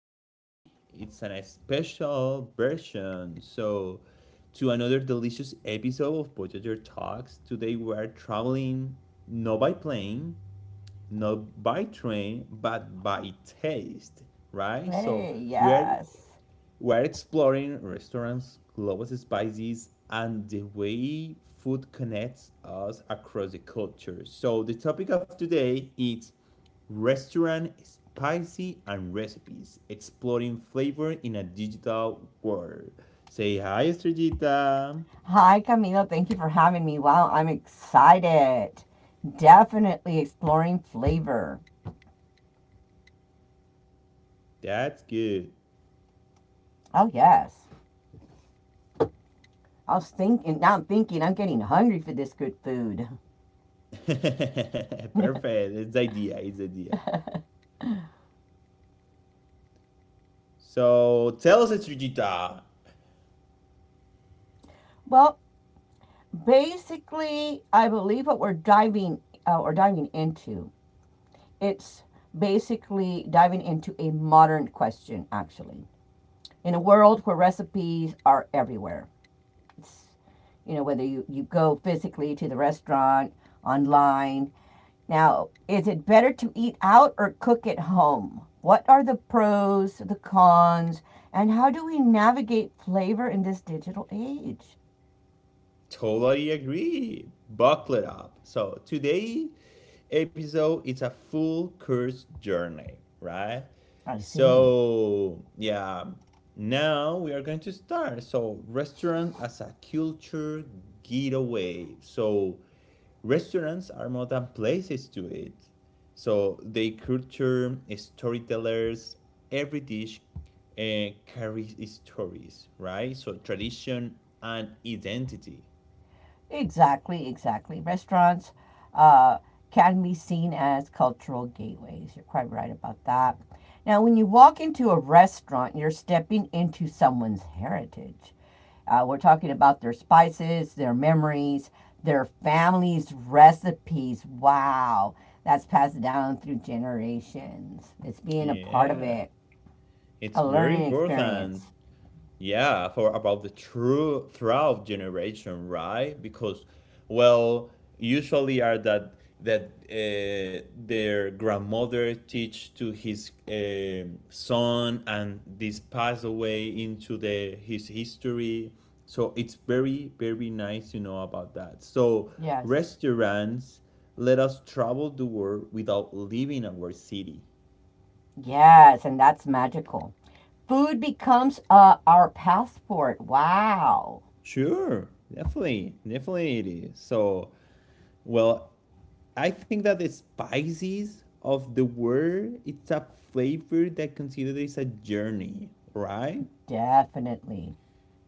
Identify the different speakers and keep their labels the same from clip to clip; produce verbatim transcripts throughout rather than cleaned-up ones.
Speaker 1: today it's a special version. So, to another delicious episode of Voyager Talks. Today we are traveling not by plane, not by train, but by taste, right? So,
Speaker 2: Hey,
Speaker 1: we are
Speaker 2: yes.
Speaker 1: we're exploring restaurants, global spices, and the way food connects us across the culture. So the topic of today is restaurant spicy and recipes, exploring flavor in a digital world. Say hi, Estrellita.
Speaker 2: Hi, Camilo. Thank you for having me. Wow, I'm excited. Definitely exploring flavor.
Speaker 1: That's good.
Speaker 2: Oh, yes. I was thinking, now I'm thinking I'm getting hungry for this good food.
Speaker 1: Perfect. It's the idea. It's the idea. So tell us, Estrellita,
Speaker 2: Well, basically, I believe what we're diving uh, we diving into. It's basically diving into a modern question, actually, in a world where recipes are everywhere. It's you know, whether you, you go physically to the restaurant, online. Now, is it better to eat out or cook at home? What are the pros, the cons, and how do we navigate flavor in this digital age?
Speaker 1: totally agree. Buckle it up. So today episode it's a full course journey, right?
Speaker 2: I see.
Speaker 1: So yeah, now we are going to start. So restaurant as a culture getaway. So restaurants are more than places to eat. So they culture storytellers. Every dish uh, carries stories, right? So tradition and identity.
Speaker 2: Exactly, exactly. Restaurants uh, can be seen as cultural gateways. You're quite right about that. Now, when you walk into a restaurant, you're stepping into someone's heritage. Uh, we're talking about their spices, their memories, their family's recipes. Wow, that's passed down through generations. It's being a part of
Speaker 1: Yeah,
Speaker 2: it,
Speaker 1: it's
Speaker 2: a
Speaker 1: very
Speaker 2: learning
Speaker 1: important.
Speaker 2: experience.
Speaker 1: Yeah, for about the true throughout generation, right? Because, well, usually are that that uh, their grandmother teach to his um son, and this pass away into the his history. So it's very very nice to know about that. So
Speaker 2: Yes.
Speaker 1: restaurants let us travel the world without leaving our city.
Speaker 2: Yes, and that's magical. Food becomes uh, our passport. Wow.
Speaker 1: Sure, definitely, definitely it is. So, well, I think that the spices of the word it's a flavor that considered is a journey, right?
Speaker 2: Definitely.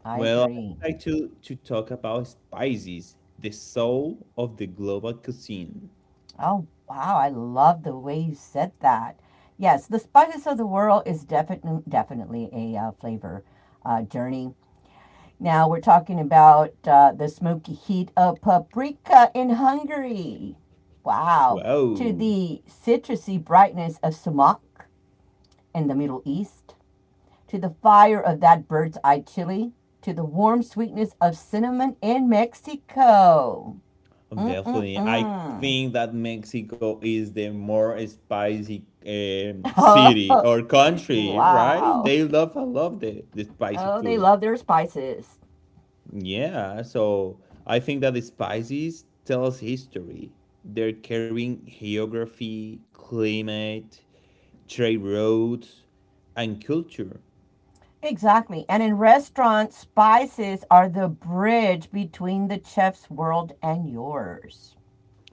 Speaker 2: I
Speaker 1: Well,
Speaker 2: agree.
Speaker 1: I would like to to talk about spices, the soul of the global cuisine.
Speaker 2: Oh, wow. I love the way you said that. Yes, the spices of the world is definitely definitely a uh, flavor uh, journey. Now we're talking about uh, the smoky heat of paprika in Hungary. Wow. To
Speaker 1: Wow,
Speaker 2: the citrusy brightness of sumac in the Middle East, to the fire of that bird's eye chili, to the warm sweetness of cinnamon in Mexico.
Speaker 1: definitely. I
Speaker 2: Mm-mm-mm.
Speaker 1: think that Mexico is the more spicy um, city
Speaker 2: Oh,
Speaker 1: or country, right?
Speaker 2: wow.
Speaker 1: They love, I love the the spicy
Speaker 2: Oh, they
Speaker 1: food.
Speaker 2: love their spices.
Speaker 1: Yeah, so I think that the spices tells history. They're carrying geography, climate, trade routes, and culture.
Speaker 2: Exactly. And in restaurants, spices are the bridge between the chef's world and yours.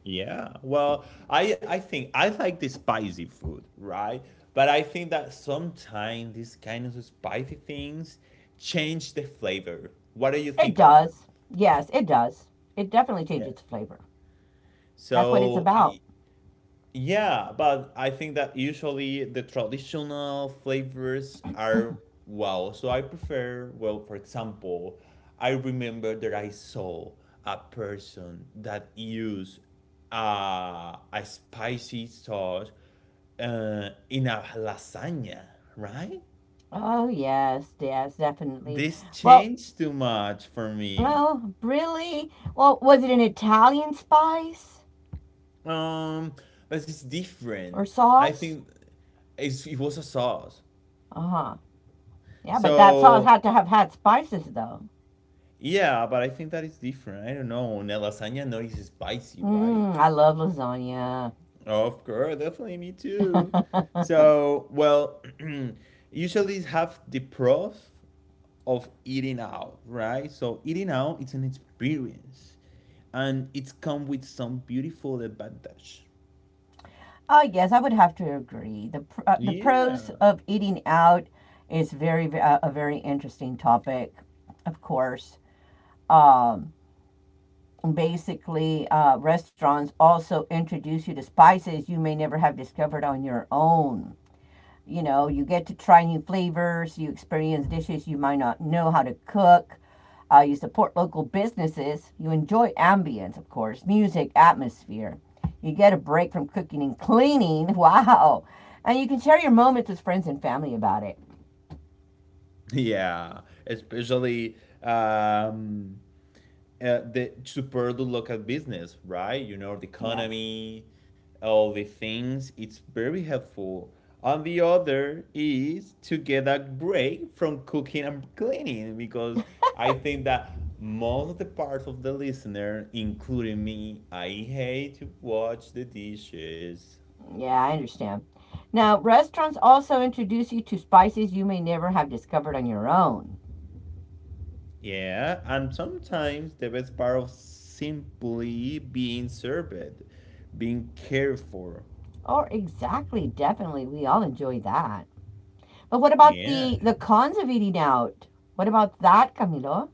Speaker 1: Yeah. Well, I I think I like the spicy food, right? But I think that sometimes these kind of spicy things change the flavor. What do you
Speaker 2: It
Speaker 1: think about that?
Speaker 2: does. Yes, it does. It definitely
Speaker 1: Yeah.
Speaker 2: changes flavor. That's what it's
Speaker 1: So
Speaker 2: about.
Speaker 1: y- Yeah, but I think that usually the traditional flavors are wow. So I prefer, well, for example, I remember that I saw a person that used uh, a spicy sauce uh, in a lasagna, right?
Speaker 2: Oh, yes, yes, definitely.
Speaker 1: This
Speaker 2: Well,
Speaker 1: changed too much for me.
Speaker 2: oh, really? Well, was it an Italian spice
Speaker 1: Um, but it's different.
Speaker 2: or
Speaker 1: I
Speaker 2: sauce?
Speaker 1: think it's, it was a sauce.
Speaker 2: Uh huh. Yeah, but that sauce
Speaker 1: So
Speaker 2: had to have had spices, though.
Speaker 1: Yeah, but I think that is different. I don't know. Now, lasagna no is spicy, right?
Speaker 2: Mmm, I love lasagna.
Speaker 1: Of course, definitely me too. So, well, usually have the pros of eating out, right? So eating out it's an experience and it's come with some beautiful advantage.
Speaker 2: Oh, yes, I would have to agree. The pr- uh, the pros
Speaker 1: Yeah.
Speaker 2: of eating out is very uh, a very interesting topic, of course. Um, basically, uh, restaurants also introduce you to spices you may never have discovered on your own. You know, you get to try new flavors, you experience dishes you might not know how to cook, uh, you support local businesses, you enjoy ambience, of course, music, atmosphere. You get a break from cooking and cleaning. Wow. And you can share your moments with friends and family about it.
Speaker 1: Yeah. Especially um uh, the super to look at business, right? You know, the
Speaker 2: Yes.
Speaker 1: economy, all the things. It's very helpful. And the other is to get a break from cooking and cleaning because I think that most of the parts of the listener, including me, I hate to watch the dishes.
Speaker 2: Yeah, I understand. Now, restaurants also introduce you to spices you may never have discovered on your own.
Speaker 1: Yeah, and sometimes the best part of simply being served, being cared for.
Speaker 2: Or exactly, definitely, we all enjoy that. But what about
Speaker 1: Yeah.
Speaker 2: the the cons of eating out? What about that, Camilo?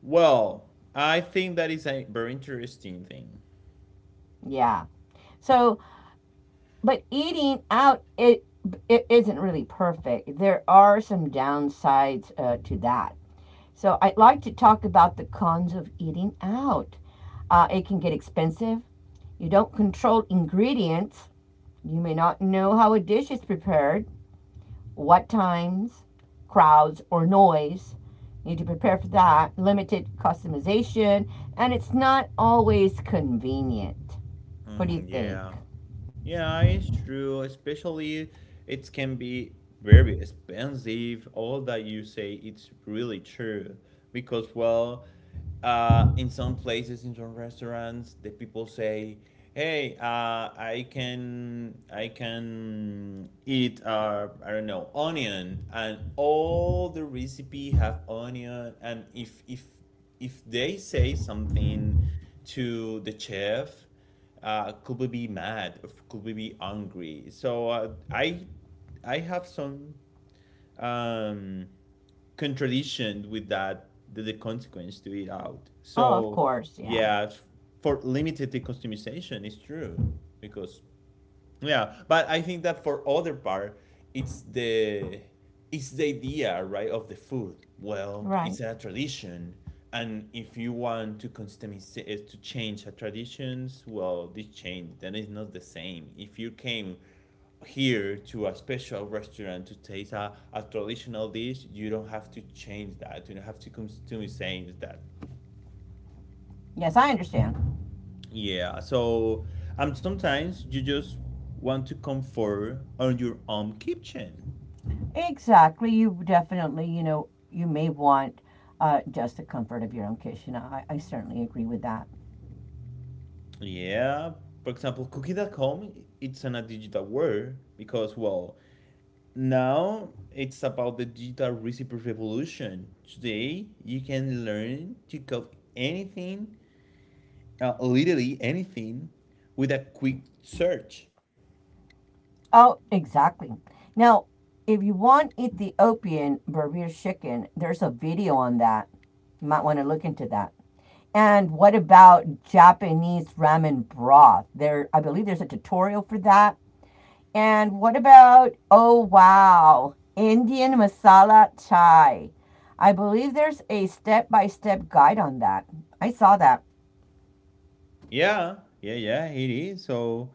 Speaker 1: Well, I think that is a very interesting thing.
Speaker 2: Yeah. So, but eating out it it isn't really perfect. There are some downsides uh, to that. So I'd like to talk about the cons of eating out. Uh, it can get expensive. You don't control ingredients. You may not know how a dish is prepared, what times, crowds, or noise. You need to prepare for that. Limited customization, and it's not always convenient. What do
Speaker 1: Mm,
Speaker 2: you think?
Speaker 1: yeah. Yeah, it's true. Especially, it can be very expensive. All that you say, it's really true. Because, well, uh, in some places, in some restaurants, the people say, "Hey, uh, I can, I can eat, uh, I don't know, onion," and all the recipe have onion. And if if if they say something to the chef uh, could we be mad? F- Could we be angry? So uh, I I have some um, contradiction with that the, the consequence to it out.
Speaker 2: Oh, of
Speaker 1: So
Speaker 2: course, yeah.
Speaker 1: yeah, f- for limited the customization is true because yeah, but I think that for other part, it's the it's the idea, right, of the food. Well,
Speaker 2: Right.
Speaker 1: it's a tradition, and if you want to customize it to change a traditions, well, this change then it's not the same. If you came here to a special restaurant to taste a, a traditional dish, you don't have to change that. You don't have to customize that.
Speaker 2: Yes, I understand.
Speaker 1: Yeah, so um, sometimes you just want to comfort on your own kitchen.
Speaker 2: Exactly. You definitely, you know, you may want uh, just the comfort of your own kitchen. I, I certainly agree with that.
Speaker 1: Yeah, for example, cooking at home it's in a digital world because, well, now it's about the digital recipe revolution. Today, you can learn to cook anything, uh, literally anything, with a quick search.
Speaker 2: Oh, exactly. Now, if you want Ethiopian Berbere chicken, there's a video on that. You might want to look into that. And what about Japanese ramen broth? There, I believe there's a tutorial for that. And what about, oh wow, Indian masala chai? I believe there's a step by step guide on that. I saw that.
Speaker 1: Yeah, yeah, yeah, it is. So,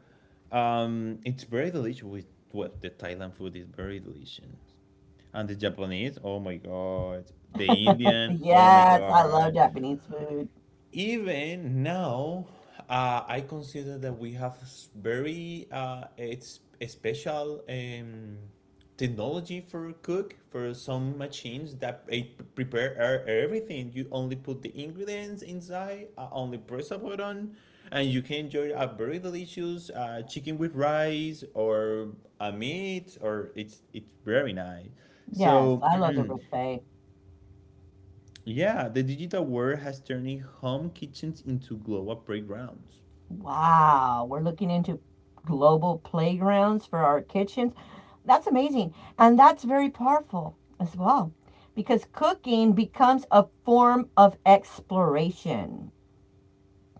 Speaker 1: um, it's very delicious. With well, the Thailand food is very delicious, and the Japanese, oh my god, the Indian, oh my
Speaker 2: Yes, I love
Speaker 1: god,
Speaker 2: Japanese food.
Speaker 1: even now uh, I consider that we have s- very uh, it's a special um, technology for cook for some machines that eh, p- prepare e- everything you only put the ingredients inside uh, only press a button and you can enjoy a very delicious uh, chicken with rice or a meat or it's it's very nice
Speaker 2: Yes,
Speaker 1: so
Speaker 2: I love their buffet.
Speaker 1: Yeah, the digital world has turned home kitchens into global playgrounds.
Speaker 2: Wow, we're looking into global playgrounds for our kitchens. That's amazing. And that's very powerful as well because cooking becomes a form of exploration.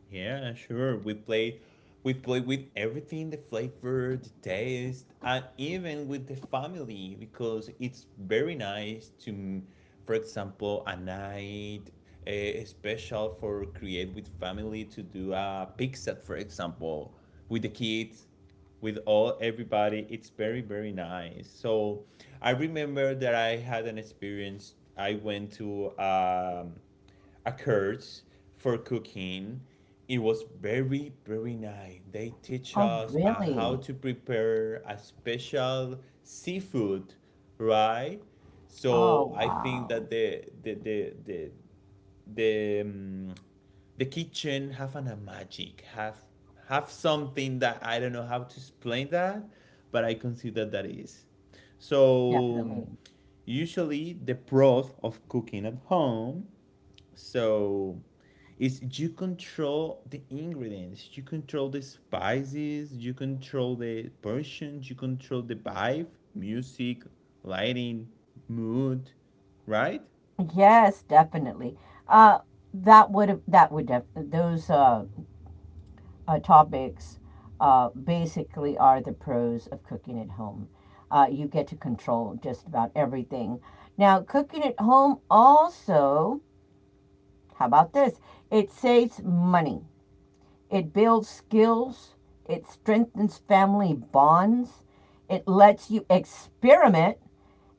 Speaker 1: Yeah, sure. We play we play with everything, the flavor, the taste, and even with the family because it's very nice to m- for example, a night eh, special for create with family to do a pizza, for example, with the kids with all everybody it's very very nice so I remember that I had an experience I went to um, occurs for cooking. It was very, very nice. They teach
Speaker 2: Oh,
Speaker 1: us uh, how
Speaker 2: really?
Speaker 1: to prepare a special seafood, right? So
Speaker 2: Oh,
Speaker 1: I think
Speaker 2: wow.
Speaker 1: that the the the the the, um, the kitchen have an, a magic, have have something that I don't know how to explain that, but I consider that is. So um,
Speaker 2: Definitely.
Speaker 1: usually the pros of cooking at home so is you control the ingredients, you control the spices, you control the portions, you control the vibe, music, lighting, mood, right?
Speaker 2: Yes, definitely. Uh, that would have that would def- those uh, uh, topics uh, basically are the pros of cooking at home. Uh, you get to control just about everything. Now, cooking at home also, how about this? It saves money, it builds skills, it strengthens family bonds, it lets you experiment,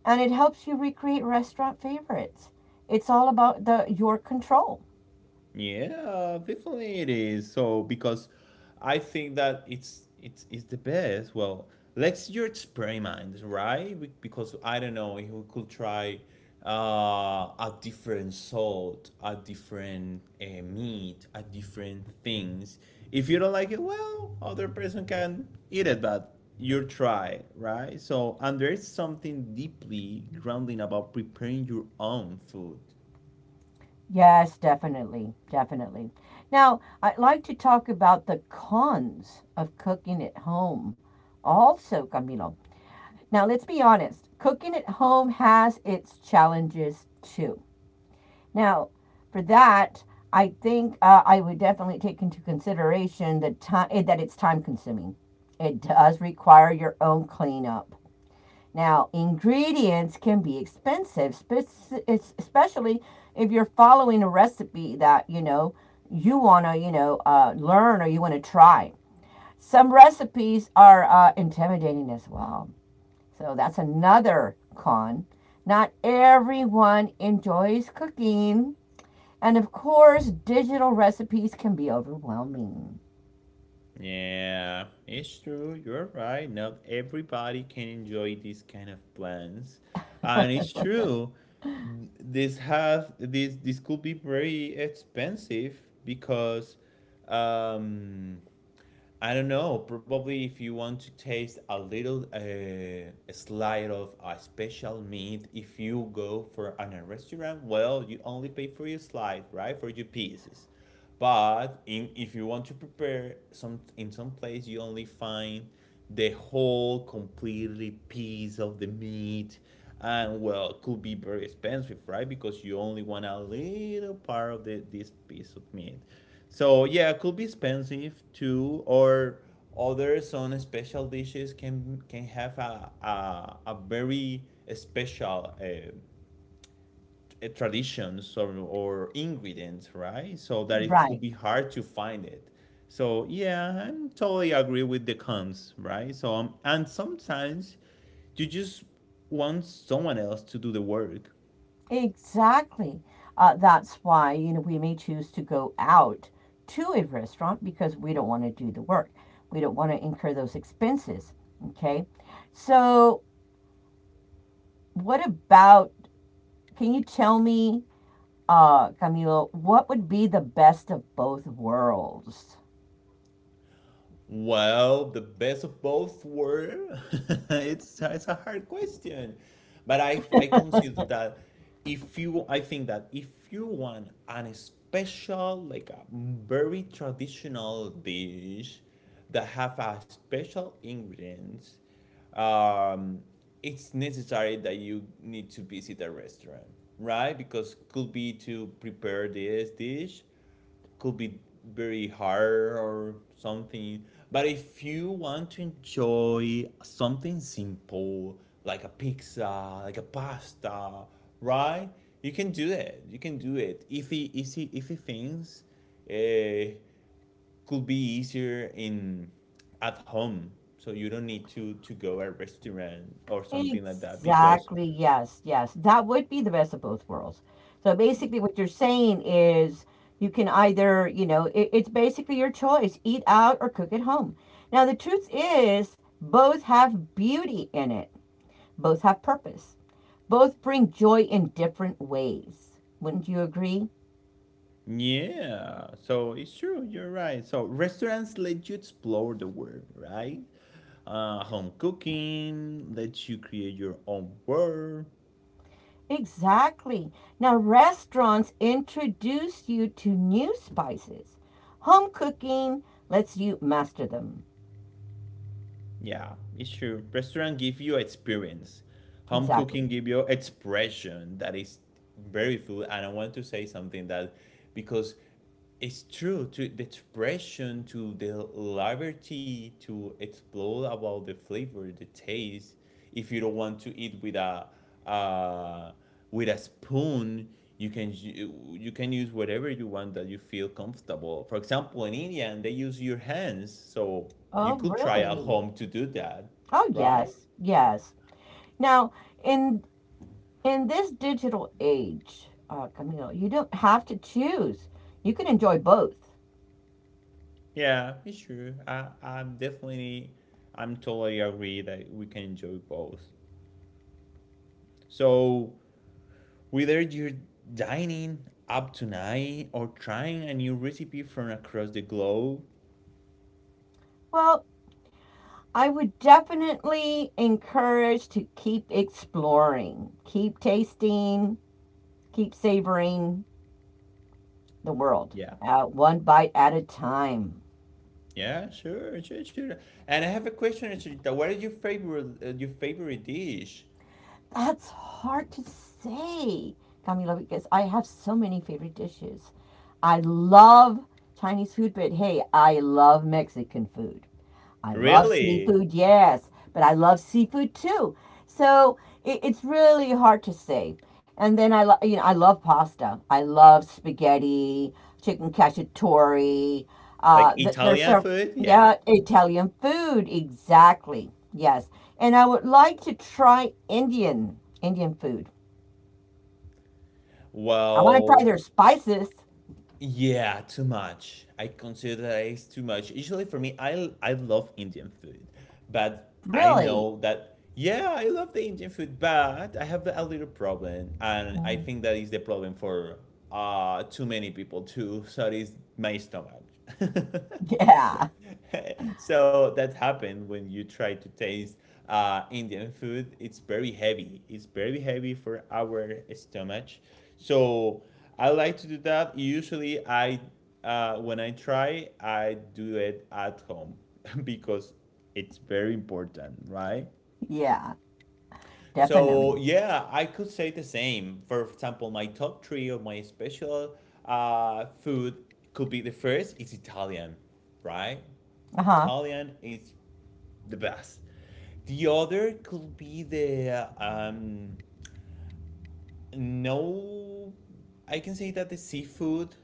Speaker 2: and it helps you recreate restaurant favorites. It's all about the your control.
Speaker 1: Yeah, definitely it is. So because I think that it's it's it's the best. Well, let's your experiment, right? Be- Because I don't know if we could try uh, a different salt, a different uh, meat, a different things. If you don't like it, well, other person can eat it, but you try it, right? So and there's something deeply grounding about preparing your own food.
Speaker 2: Yes, definitely, definitely. Now, I'd like to talk about the cons of cooking at home also, Camilo. Now, let's be honest, cooking at home has its challenges too. Now, for that, I think uh, I would definitely take into consideration the time that it's time consuming. It does require your own cleanup now, ingredients can be expensive, especially if you're following a recipe that, you know, you want to, you know, uh, learn or you want to try. Some recipes are uh, intimidating as well. So that's another con. Not everyone enjoys cooking. And of course, digital recipes can be overwhelming.
Speaker 1: Yeah, it's true. You're right. Not everybody can enjoy these kind of plans. And it's true. This have this this could be very expensive because um I don't know. Probably if you want to taste a little uh, a slide of a special meat, if you go for an, a restaurant, well, you only pay for your slide, right? For your pieces. But in if you want to prepare some in some place, you only find the whole completely piece of the meat, and well, it could be very expensive, right? Because you only want a little part of the, this piece of meat. So yeah, it could be expensive too, or other some special dishes can can have a a, a very special uh, t- traditions or, or ingredients, right? So that it could
Speaker 2: Right.
Speaker 1: be hard to find it. So yeah, I totally agree with the cons, right? So um, and sometimes you just want someone else to do the work,
Speaker 2: Exactly. Uh, that's why, you know, we may choose to go out to a restaurant because we don't want to do the work. We don't want to incur those expenses. Okay. So, what about, can you tell me, uh, Camilo, what would be the best of both worlds?
Speaker 1: well, the best of both were. it's it's a hard question, but I I consider that if you I think that if you want an special like a very traditional dish that have a special ingredients, um, it's necessary that you need to visit a restaurant, right? Because could be to prepare this dish could be very hard or something. But if you want to enjoy something simple, like a pizza, like a pasta, right? You can do it. You can do it. If he, easy, if he thinks uh, could be easier in at home, so you don't need to to go a restaurant or something like that because
Speaker 2: Exactly. Yes. Yes. That would be the best of both worlds. So basically, what you're saying is you can either, you know, it, it's basically your choice eat out or cook at home. Now, the truth is, both have beauty in it, both have purpose, both bring joy in different ways. Wouldn't you agree?
Speaker 1: yeah, so it's true, you're right. So restaurants let you explore the world, right? Uh, home cooking lets you create your own world.
Speaker 2: Exactly. Now, restaurants introduce you to new spices. Home cooking lets you master them.
Speaker 1: Yeah, it's true. Restaurant give you experience. Home cooking
Speaker 2: Exactly.
Speaker 1: give you expression that is very food. And I want to say something that because it's true to the expression, to the liberty to explore about the flavor, the taste. If you don't want to eat with a uh, with a spoon, you can ju- you can use whatever you want that you feel comfortable. For example, in India, and they use your hands, so you
Speaker 2: Oh,
Speaker 1: could try at
Speaker 2: really?
Speaker 1: home to do that,
Speaker 2: Oh,
Speaker 1: right?
Speaker 2: yes, yes. Now, in in this digital age, uh, Camille, you don't have to choose. You can enjoy both.
Speaker 1: Yeah, it's true. I I'm definitely I'm totally agree that we can enjoy both. So whether you're dining up tonight or trying a new recipe from across the globe.
Speaker 2: Well, I would definitely encourage to keep exploring, keep tasting, keep savoring the world,
Speaker 1: Yeah.
Speaker 2: uh, one bite at a time.
Speaker 1: Yeah, sure, sure, sure. And I have a question, Charita. What is your favorite uh, your favorite dish?
Speaker 2: That's hard to say, Camila, because I have so many favorite dishes. I love Chinese food, but hey, I love Mexican food. I love
Speaker 1: Really?
Speaker 2: seafood, yes, but I love seafood too. So it, it's really hard to say. And then I, lo- you know, I love pasta. I love spaghetti, chicken cacciatore.
Speaker 1: Like
Speaker 2: Uh, th- there's
Speaker 1: Italian
Speaker 2: several,
Speaker 1: food? Yeah.
Speaker 2: yeah, Italian food, exactly. Yes, and I would like to try Indian Indian food. I want to try
Speaker 1: Well,
Speaker 2: their spices.
Speaker 1: yeah, too much. I consider that it's too much. Usually for me, I I love Indian food, but I
Speaker 2: Really?
Speaker 1: know that yeah, I love the Indian food, but I have a little problem, and I
Speaker 2: Mhm.
Speaker 1: think that is the problem for uh too many people too. So that is my stomach.
Speaker 2: Yeah,
Speaker 1: so that happened when you try to taste uh, Indian food. It's very heavy. It's very heavy for our stomach. So I like to do that. Usually, I uh, when I try, I do it at home because it's very important, right?
Speaker 2: yeah,
Speaker 1: So
Speaker 2: definitely.
Speaker 1: yeah, I could say the same. For example, my top three of my special uh, food could be the first is Italian, right?
Speaker 2: Uh-huh.
Speaker 1: Italian is the best. The other could be the um no, I can say that the seafood,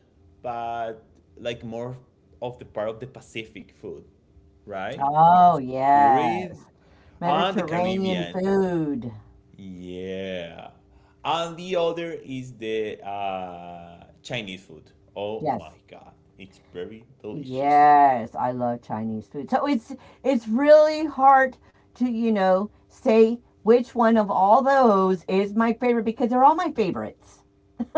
Speaker 1: but like more of the part of the Pacific food, right? Because
Speaker 2: Oh,
Speaker 1: it's buried
Speaker 2: yes.
Speaker 1: on the
Speaker 2: Mediterranean
Speaker 1: Caribbean.
Speaker 2: food.
Speaker 1: Yeah. And the other is the uh Chinese food. Oh
Speaker 2: Yes.
Speaker 1: my god, it's very delicious.
Speaker 2: Yes, I love Chinese food. So it's it's really hard to, you know, say which one of all those is my favorite because they're all my favorites.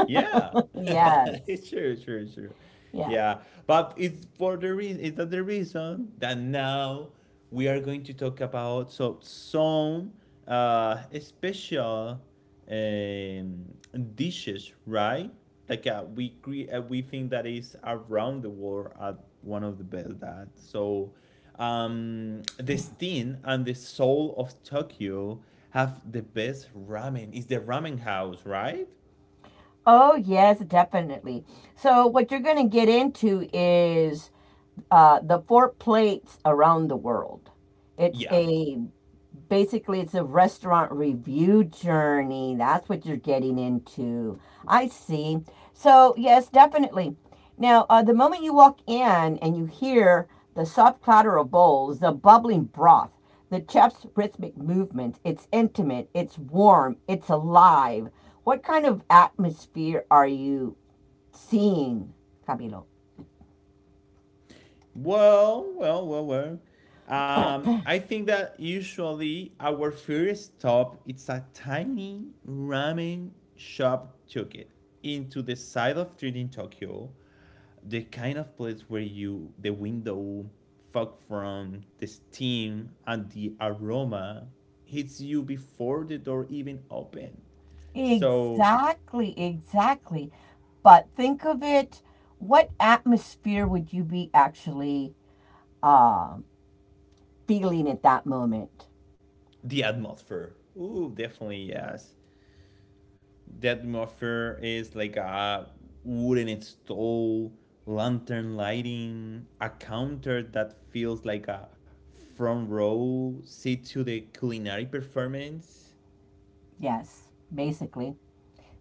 Speaker 1: Yeah.
Speaker 2: Yes.
Speaker 1: It's true, true, true.
Speaker 2: Yeah.
Speaker 1: Yeah. But it's for the reason is that the reason that now we are going to talk about so some uh special um dishes, right? Like uh, we cre- uh, we think that is around the world at one of the best that so um the steam and the soul of Tokyo have the best ramen. It's the ramen house, right?
Speaker 2: Oh, yes, definitely. So what you're going to get into is uh, the four plates around the world. It's
Speaker 1: Yeah,
Speaker 2: a basically it's a restaurant review journey. That's what you're getting into. I see. So, yes, definitely. Now, uh, the moment you walk in and you hear the soft clatter of bowls, the bubbling broth, the chef's rhythmic movement, it's intimate, it's warm, it's alive. What kind of atmosphere are you seeing, Camilo?
Speaker 1: well, well, well, well. Um, I think that usually our first stop it's a tiny ramen shop ticket into the side of street in Tokyo, the kind of place where you the window fog from the steam and the aroma hits you before the door even open. So
Speaker 2: Exactly, exactly. But think of it, what atmosphere would you be actually um, feeling at that moment?
Speaker 1: the atmosphere. Ooh, definitely yes. That offer is like a wooden stove, lantern lighting, a counter that feels like a front row seat to the culinary performance.
Speaker 2: Yes, basically.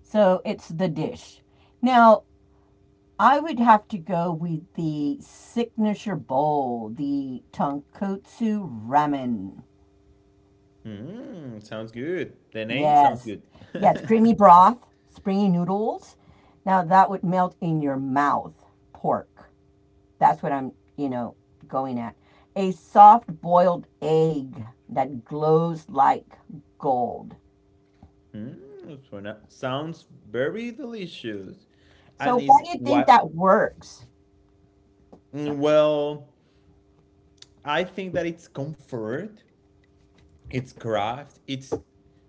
Speaker 2: So it's the dish. Now, I would have to go with the signature bowl, the tonkotsu ramen.
Speaker 1: Mm, sounds good. The name sounds
Speaker 2: Yes.
Speaker 1: good.
Speaker 2: Yes, creamy broth, springy noodles. Now that would melt in your mouth. Pork. That's what I'm, you know, going at. A soft boiled egg that glows like gold.
Speaker 1: Mm, suena- sounds very delicious. And
Speaker 2: So, why
Speaker 1: is
Speaker 2: do you think
Speaker 1: what?
Speaker 2: that works?
Speaker 1: Mm, well, I think that it's comfort, it's craft, it's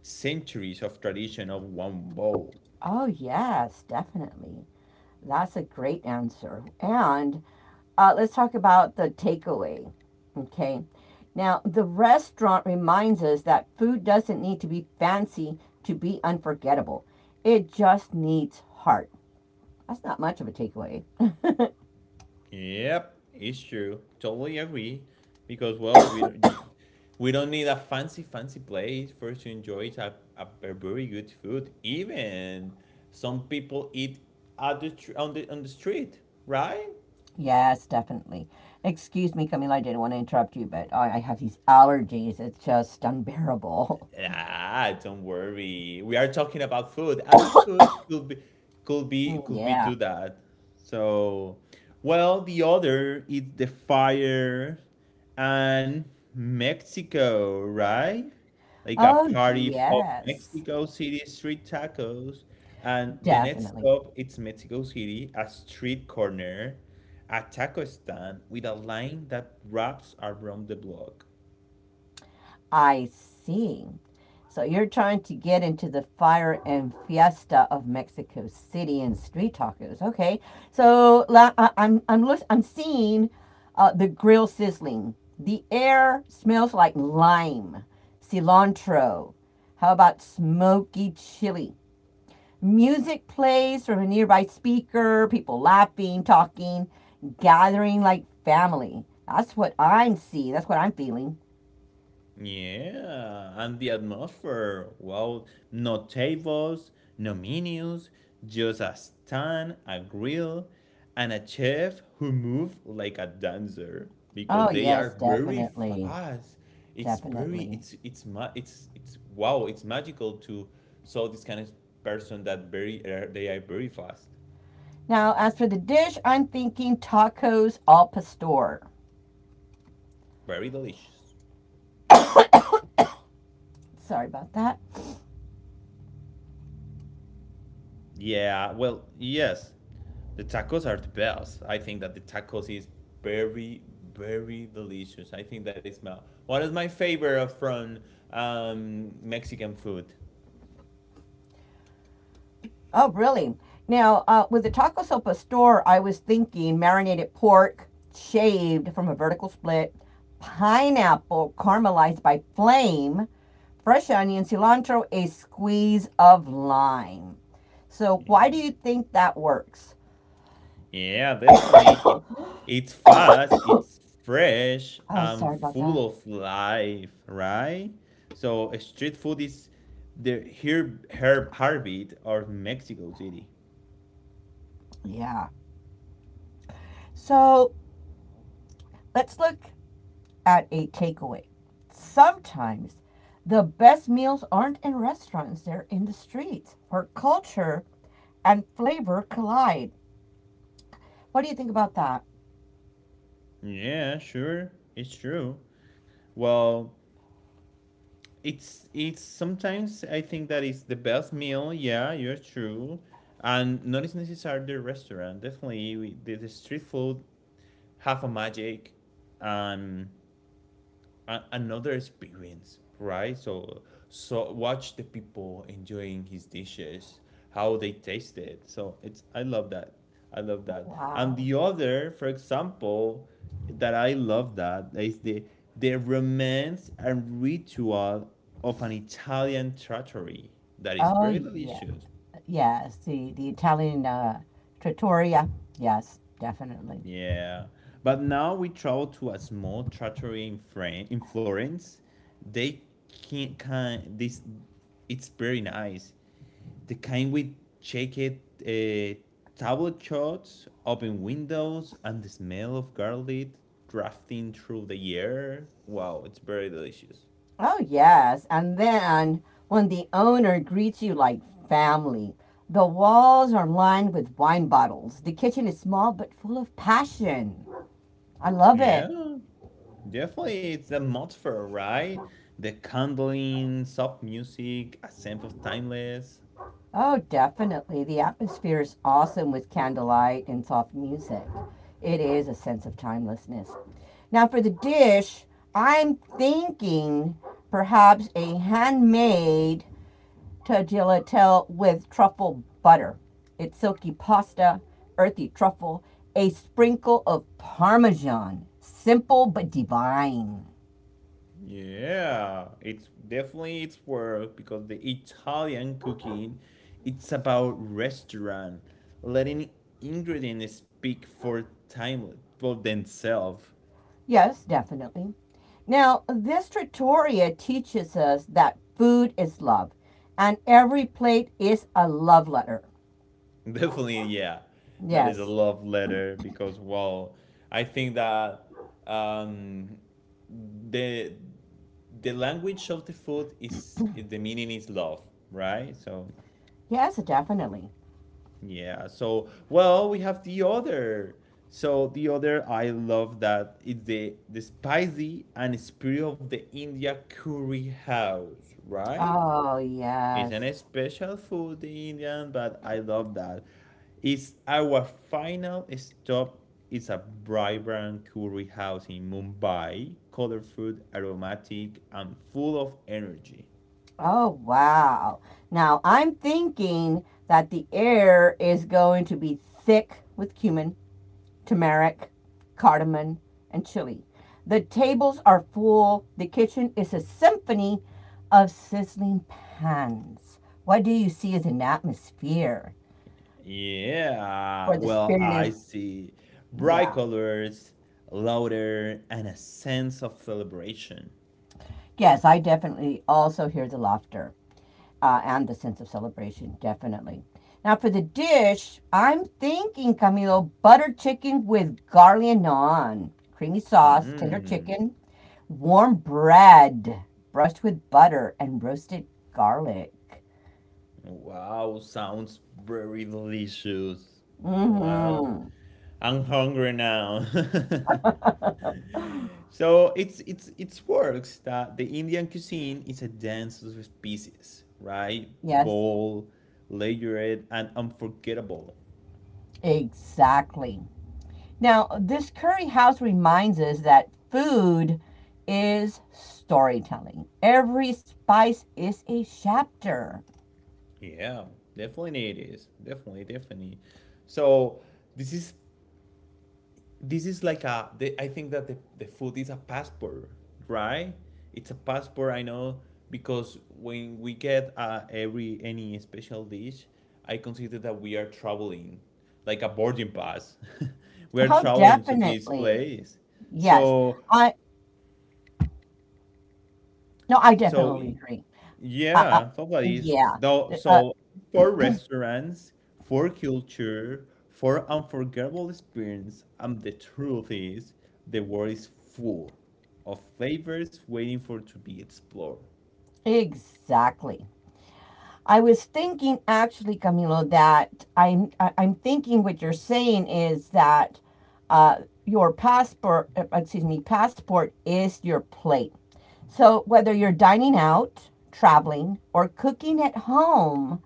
Speaker 1: centuries of tradition of one bowl.
Speaker 2: Oh, yes, definitely. That's a great answer. And uh, let's talk about the takeaway. Okay. Now, the restaurant reminds us that food doesn't need to be fancy to be unforgettable, it just needs heart. That's not much of a takeaway.
Speaker 1: Yep, it's true. Totally agree. Because well, we don't you- we don't need a fancy fancy place for us to enjoy a, a, a very good food. Even some people eat at the tr- on the on the street, right?
Speaker 2: Yes, definitely. Excuse me, Camila, I didn't want to interrupt you, but I, I have these allergies. It's just unbearable.
Speaker 1: Ah, don't worry. We are talking about food, and food could be could be
Speaker 2: Mm,
Speaker 1: could be
Speaker 2: yeah.
Speaker 1: to that. So, well, the other is the fire and Mexico, right? Like a
Speaker 2: Oh,
Speaker 1: party f- of
Speaker 2: yes,
Speaker 1: Mexico City street tacos, and the next
Speaker 2: definitely.
Speaker 1: stop it's Mexico City, a street corner, a taco stand with a line that wraps around the block.
Speaker 2: I see. So you're trying to get into the fire and fiesta of Mexico City and street tacos. Okay. So la- I, I'm I'm lis- I'm seeing uh, the grill sizzling. The air smells like lime, cilantro. How about smoky chili? Music plays from a nearby speaker, people laughing, talking, gathering like family. That's what I'm seeing. That's what I'm feeling.
Speaker 1: Yeah, and the atmosphere. Wow, no tables, no menus, just a stand, a grill, and a chef who move like a dancer
Speaker 2: Oh,
Speaker 1: because they are
Speaker 2: yes,
Speaker 1: very
Speaker 2: definitely.
Speaker 1: fast. It's very
Speaker 2: Definitely.
Speaker 1: it's it's ma- it's it's wow, it's magical to saw this kind of person that very uh, they are very fast,
Speaker 2: Now, as for the dish, I'm thinking tacos al pastor.
Speaker 1: very delicious.
Speaker 2: Sorry about that.
Speaker 1: Yeah, well, yes. The tacos are the best. I think that the tacos is very, very delicious. I think that is my one of my favorite of from um, Mexican food.
Speaker 2: Oh, really? Now, uh, with the taco sopa store, I was thinking marinated pork, shaved from a vertical split, pineapple caramelized by flame, fresh onion, cilantro, a squeeze of lime. So, why do
Speaker 1: Yeah,
Speaker 2: you think that works?
Speaker 1: yeah, definitely. It it's fast, it's fresh,
Speaker 2: Oh,
Speaker 1: and
Speaker 2: sorry about that.
Speaker 1: full of life, right? So uh, street food is the herb, herb heartbeat of Mexico City.
Speaker 2: Yeah. So, let's look at a takeaway. Sometimes the best meals aren't in restaurants, they're in the streets where culture and flavor collide. What do you think about that?
Speaker 1: Yeah, sure, it's true. Well, it's it's sometimes I think that is the best meal. Yeah, you're true, and not is necessarily the restaurant. Definitely, we, the, the street food have a magic, and a- another experience, right? So so watch the people enjoying his dishes, how they taste it. So it's I love that. I love
Speaker 2: Oh,
Speaker 1: that. And
Speaker 2: wow.
Speaker 1: the other, for example, that I love that is the the romance and ritual of an Italian trattoria that is
Speaker 2: Oh,
Speaker 1: very
Speaker 2: yeah.
Speaker 1: delicious.
Speaker 2: Yes, the, the Italian uh, trattoria. Yes, definitely.
Speaker 1: Yeah, but now we travel to a small trattoria in Fran- in Florence. They can't kind this. It's very nice. The kind with checkered uh, tablet shots, open windows, and the smell of garlic drafting through the air. Wow, it's very delicious.
Speaker 2: Oh, yes. And then when the owner greets you like family, the walls are lined with wine bottles. The kitchen is small but full of passion. I love it.
Speaker 1: Yeah, definitely. It's a atmosphere, right? The candling, soft music, a sense of timeless.
Speaker 2: Oh, definitely. The atmosphere is awesome with candlelight and soft music. It is a sense of timelessness. Now, for the dish, I'm thinking perhaps a handmade tagliatelle with truffle butter. It's silky pasta, earthy truffle, a sprinkle of parmesan. Simple but divine.
Speaker 1: Yeah, it's definitely it's work because the Italian cooking, it's about restaurant, letting ingredients speak for time for themselves.
Speaker 2: Yes, definitely. Now, this trattoria teaches us that food is love and every plate is a love letter.
Speaker 1: Definitely, yeah, that is a
Speaker 2: Yes.
Speaker 1: love letter because well, I think that um the the language of the food is the meaning is love, right? So
Speaker 2: Yes, definitely.
Speaker 1: yeah. So, well, we have the other. So the other, I love that it's the the spicy and spirit of the India curry house, right?
Speaker 2: Oh,
Speaker 1: It's
Speaker 2: yes.
Speaker 1: an special food, the Indian, but I love that. It's our final stop. It's a vibrant curry house in Mumbai, colorful, aromatic, and full of energy.
Speaker 2: Oh, wow. Now, I'm thinking that the air is going to be thick with cumin, turmeric, cardamom, and chili. The tables are full. The kitchen is a symphony of sizzling pans. What do you see as an atmosphere
Speaker 1: Yeah,
Speaker 2: for the
Speaker 1: well,
Speaker 2: spirit
Speaker 1: I
Speaker 2: is?
Speaker 1: see. Bright
Speaker 2: Yeah.
Speaker 1: colors, louder, and a sense of celebration.
Speaker 2: Yes, I definitely also hear the laughter uh, and the sense of celebration, definitely. Now, for the dish, I'm thinking, Camilo, butter chicken with garlic naan, creamy sauce, tender
Speaker 1: Mm-hmm.
Speaker 2: chicken, warm bread brushed with butter and roasted garlic.
Speaker 1: Wow, sounds very delicious. Well,
Speaker 2: Mm-hmm.
Speaker 1: I'm hungry now. So it's it's it's works that the Indian cuisine is a dance of species, right?
Speaker 2: Yes,
Speaker 1: Bold, layered, and unforgettable.
Speaker 2: exactly. Now, this curry house reminds us that food is storytelling. Every spice is a chapter.
Speaker 1: Yeah, definitely it is. Definitely, definitely. So this is this is like a. The, I think that the the food is a passport, right? It's a passport. I know because when we get uh, every any special dish, I consider that we are traveling, like a boarding pass. We are
Speaker 2: Oh,
Speaker 1: traveling to this
Speaker 2: definitely.
Speaker 1: place.
Speaker 2: Yes.
Speaker 1: So
Speaker 2: I no, I
Speaker 1: so
Speaker 2: definitely agree. Uh, uh,
Speaker 1: yeah, somebody's
Speaker 2: yeah.
Speaker 1: though.
Speaker 2: Uh,
Speaker 1: So for restaurants, for culture, for unforgettable experience, and the truth is, the world is full of flavors waiting for to be explored.
Speaker 2: exactly. I was thinking actually, Camilo, that I'm I- am i am thinking what you're saying is that uh, your passport, uh, excuse me, passport is your plate. So whether you're dining out, traveling, or cooking at home,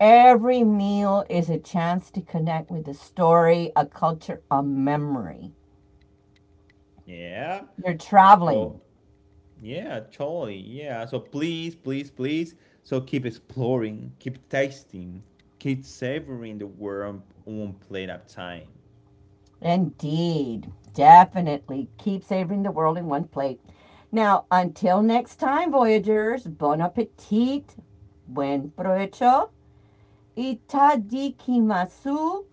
Speaker 2: every meal is a chance to connect with a story, a culture, a memory.
Speaker 1: Yeah.
Speaker 2: You're traveling.
Speaker 1: So yeah, totally. Yeah. So please, please, please. So keep exploring, keep tasting, keep savoring the world one plate at a time.
Speaker 2: Indeed. Definitely. Keep savoring the world in one plate. Now, until next time, Voyagers, bon appetit, buen provecho, itadikimasu,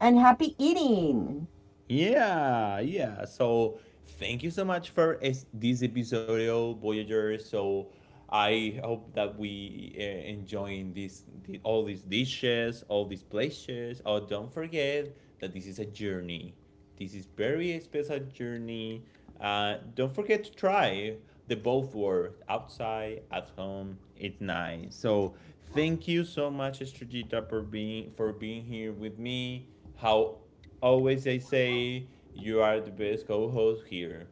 Speaker 2: and happy eating.
Speaker 1: Yeah, yeah. So thank you so much for es- this episode, Voyager. So I hope that we uh, enjoying this, the, all these dishes, all these places. Oh, don't forget that this is a journey. This is very special journey. Uh, don't forget to try the both world outside at home. It's nice. So thank you so much, Estrellita, for being for being here with me. How always I say you are the best co-host here.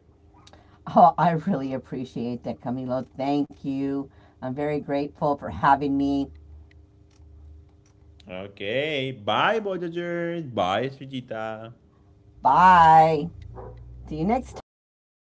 Speaker 2: Oh, I really appreciate that, Camilo. Thank you. I'm very grateful for having me.
Speaker 1: Okay, bye Voyagers, bye Sujita.
Speaker 2: Bye. See you next time.